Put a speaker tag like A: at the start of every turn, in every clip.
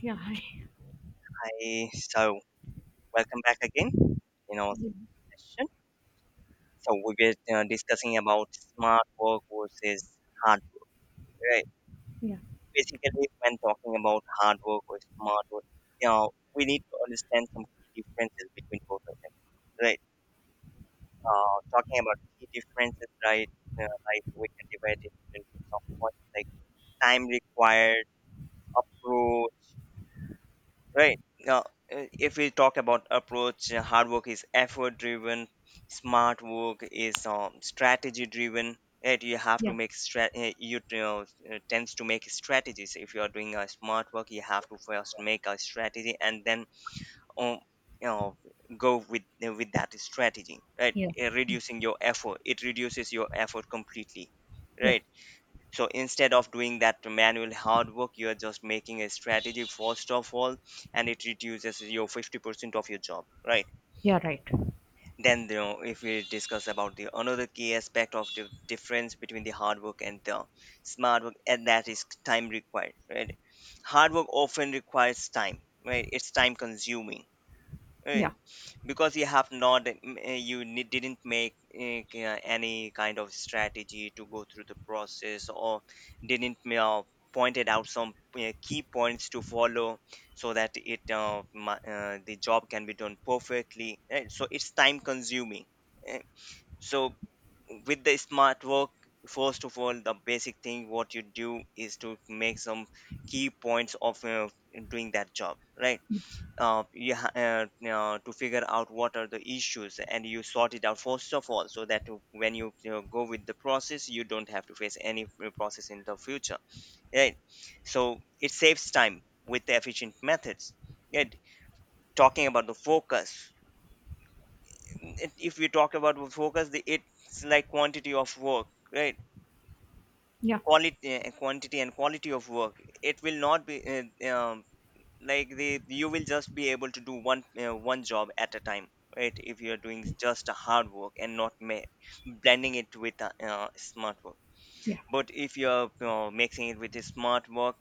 A: Yeah,
B: Hi, so welcome back again in our
A: yeah,
B: session. So we were discussing about smart work versus hard work, right? Basically, when talking about hard work or smart work, you know, we need to understand some key differences between both of them, right? Talking about key differences, right? Like we can divide it into some points like time required, approach. Right. Now, if we talk about approach, hard work is effort driven, smart work is strategy driven. Right?
A: yeah,
B: You know, tends to make strategies. If you are doing a smart work, you have to first make a strategy and then um, you know, go with that strategy. Right?
A: yeah,
B: Reducing your effort, it reduces your effort completely.
A: yeah,
B: Right? So instead of doing that manual hard work, you are just making a strategy first of all, and it reduces your 50% of your job, right?
A: yeah, right.
B: Then you know, if we discuss about the another key aspect of the difference between the hard work and the smart work, and that is time required, right? Hard work often requires time, right? It's time consuming, right?
A: Yeah,
B: Because you have not eh, m- you ne- didn't make any kind of strategy to go through the process, or didn't pointed out some key points to follow, so that the job can be done perfectly, right? So it's time consuming. eh. So with the smart work, first of all the basic thing what you do is to make some key points of doing that job, right? To figure out what are the issues, and you sort it out first of all, so that when you know, go with the process, you don't have to face any process in the future, right? So it saves time with the efficient methods, right? Talking about the focus. If we talk about the focus, the, it's like quantity of work, right?
A: yeah,
B: quality Quantity and quality of work, it will not be uh, um, like the, you will just be able to do one job at a time, right? If you're doing
A: yes,
B: just a hard work and not ma- blending it with a, smart work,
A: yeah,
B: but if you're mixing it with a smart work,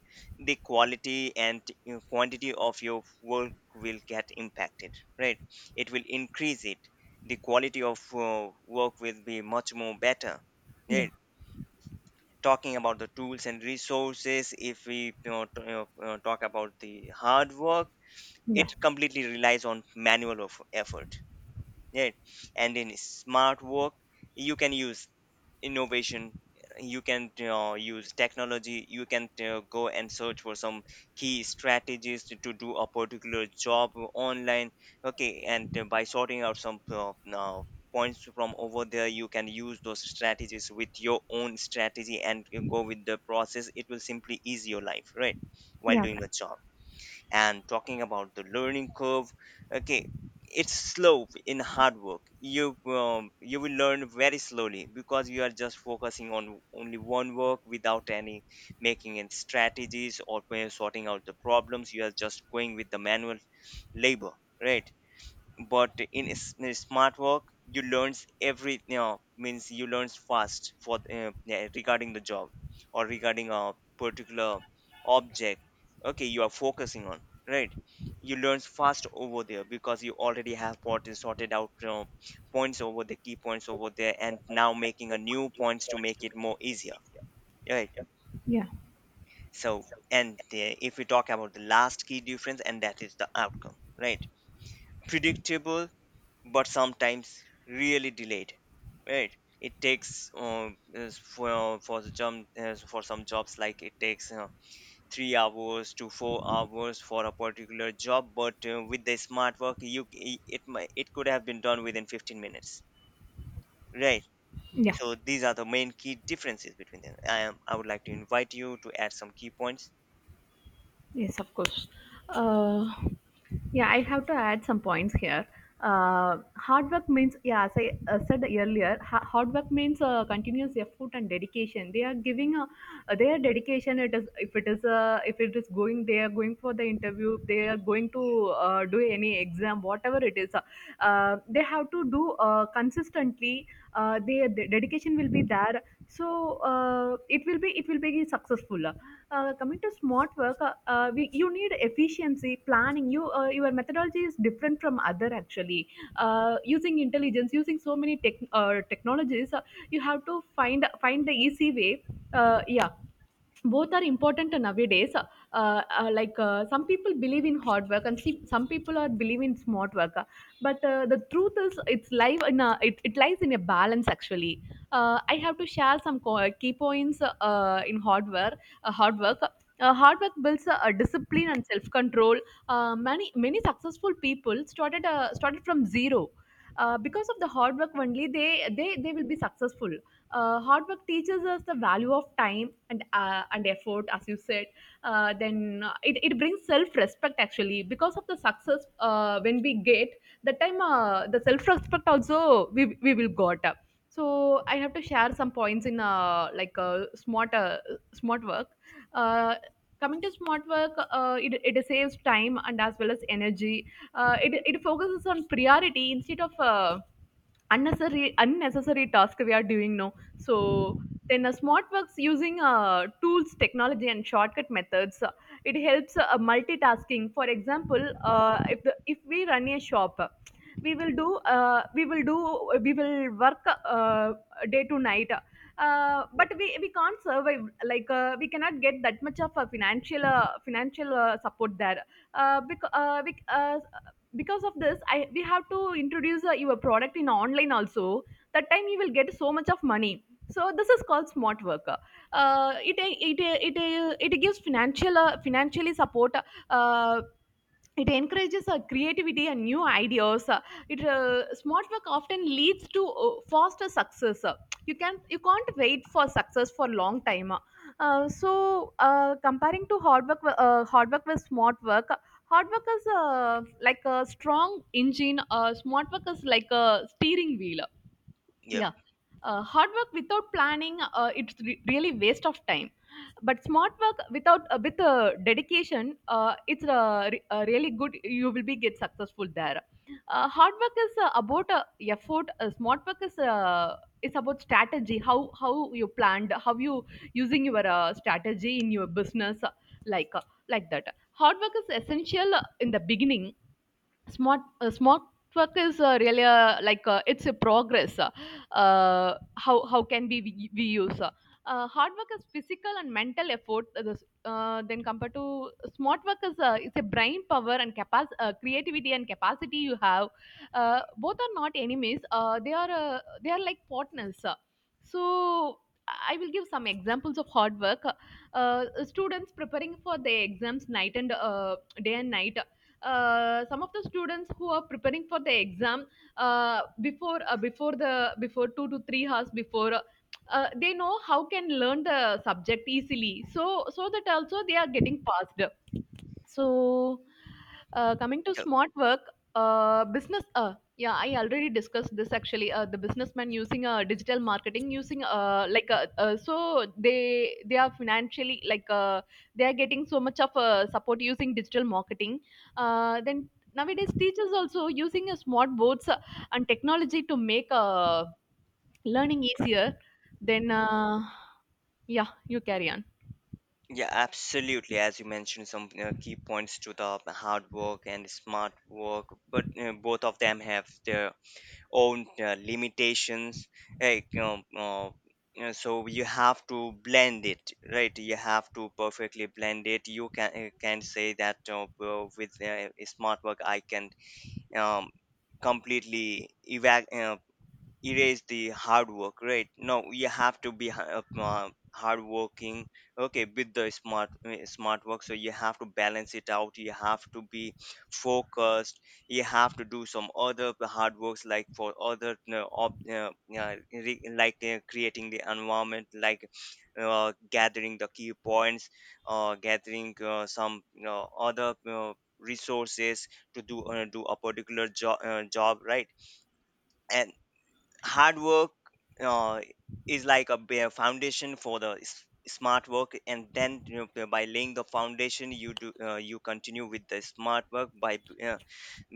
B: the quality and you know, quantity of your work will get impacted, right? It will increase it. The quality of work will be much more better,
A: yeah,
B: right? Talking about the tools and resources, if we you know, talk about the hard work,
A: yeah,
B: it completely relies on manual of effort, right? And in smart work, you can use innovation, you can use technology, you can go and search for some key strategies to do a particular job online. Okay, and by sorting out some points from over there, you can use those strategies with your own strategy, and you go with the process, it will simply ease your life, right? While
A: yeah,
B: doing
A: right.
B: a job. And talking about the learning curve, okay, it's slow in hard work. You you will learn very slowly, because you are just focusing on only one work without any making any strategies or sorting out the problems. You are just going with the manual labor, right? But smart work, you learns every you know, means you learns fast for yeah, regarding the job, or regarding a particular object. Okay, you are focusing on, right? You learns fast over there, because you already have what is sorted out, you know, points over the key points over there, and now making a new points to make it more easier, right?
A: Yeah,
B: So and if we talk about the last key difference, and that is the outcome, right? Predictable, but sometimes really delayed, right? It takes is for the job, is for some jobs, like it takes 3 hours to 4 hours for a particular job, but with the smart work, it might, it could have been done within 15 minutes, right?
A: yeah,
B: So these are the main key differences between them. I would like to invite you to add some key points.
A: yes, of course. Uh, Yeah, I have to add some points here. Hard work means, yeah, as I said earlier, hard work means continuous effort and dedication. They are giving their dedication. It is if it is going, they are going for the interview. They are going to do any exam, whatever it is. They have to do consistently. Their dedication will be there, so it will be successful. Coming to smart work, you need efficiency, planning. Your methodology is different from other, actually. Using intelligence, using so many technologies, you have to find the easy way. Yeah, both are important nowadays. Uh, Some people believe in hard work, and see, some people are believe in smart work. But the truth is, it lies in a balance, actually. I have to share some key points in hard work. Hard work builds a discipline and self-control. Many successful people started from zero. Because of the hard work only, they will be successful. Hard work teaches us the value of time and effort, as you said. Then It brings self-respect, actually. Because of the success, when we get the time, the self-respect also we will got up. So I have to share some points in, smart work. uh, Coming to smart work, it saves time and as well as energy. It focuses on priority instead of unnecessary task we are doing now. So then smart works using tools, technology, and shortcut methods. It helps multitasking. For example, if we run a shop, we will work day to night.
B: Yep.
A: But we can't survive, like we cannot get that much of a financial financial support there uh, because uh, bec- uh, because of this, I we have to introduce your product in online also. That time you will get so much of money. So this is called smart worker. uh, it, it it it gives financially support. Uh, it encourages creativity and new ideas. It Smart work often leads to faster success. You can't wait for success for long time. Comparing to hard work with smart work, hard work is like a strong engine. Smart work is like a steering wheel.
B: Yep.
A: Yeah. Hard work without planning, it's really waste of time. But smart work without with dedication, it's really good, you will be get successful there. Hard work is about effort. Smart work is it's about strategy, how you planned, how you using your strategy in your business. Like uh, like that Hard work is essential in the beginning. Smart work is really, it's a progress. Uh, How can we use. Uh, Hard work is physical and mental effort. Then, compared to smart work, is it's a brain power and capacity, creativity and capacity you have. Both are not enemies, they are like partners. So I will give some examples of hard work. Students preparing for their exams night and day and night. Some of the students who are preparing for the exam, before 2 to 3 hours before, they know how can learn the subject easily, so that also they are getting passed. So, coming to smart work, business. Yeah, I already discussed this, actually. The businessman using digital marketing, using so they are financially, like, they are getting so much of support using digital marketing. Then nowadays teachers also using smart boards and technology to make learning easier. Then Yeah, you carry on.
B: Yeah, absolutely. As you mentioned, some key points to the hard work and smart work, but both of them have their own limitations. Like, you know, so you have to blend it, right? You have to perfectly blend it. You can say that with smart work, I can um, completely evac erase the hard work, right? No, you have to be hard working, okay, with the smart work, so you have to balance it out, you have to be focused. You have to do some other hard works, like for like creating the environment, like gathering the key points, gathering some other resources to do do a particular job, right? And hard work uh, is like a bare foundation for the smart work, and then you know, by laying the foundation, you do you continue with the smart work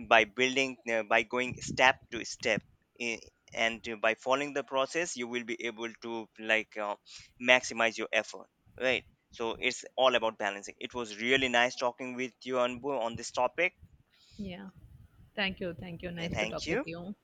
B: by building, by going step to step. I- and by following the process, you will be able to like maximize your effort, right? So it's all about balancing. It was really nice talking with you Anbu on this topic.
A: Yeah. Thank you. Thank you.
B: Yeah,
A: Nice to
B: thank
A: talk with
B: you.
A: you.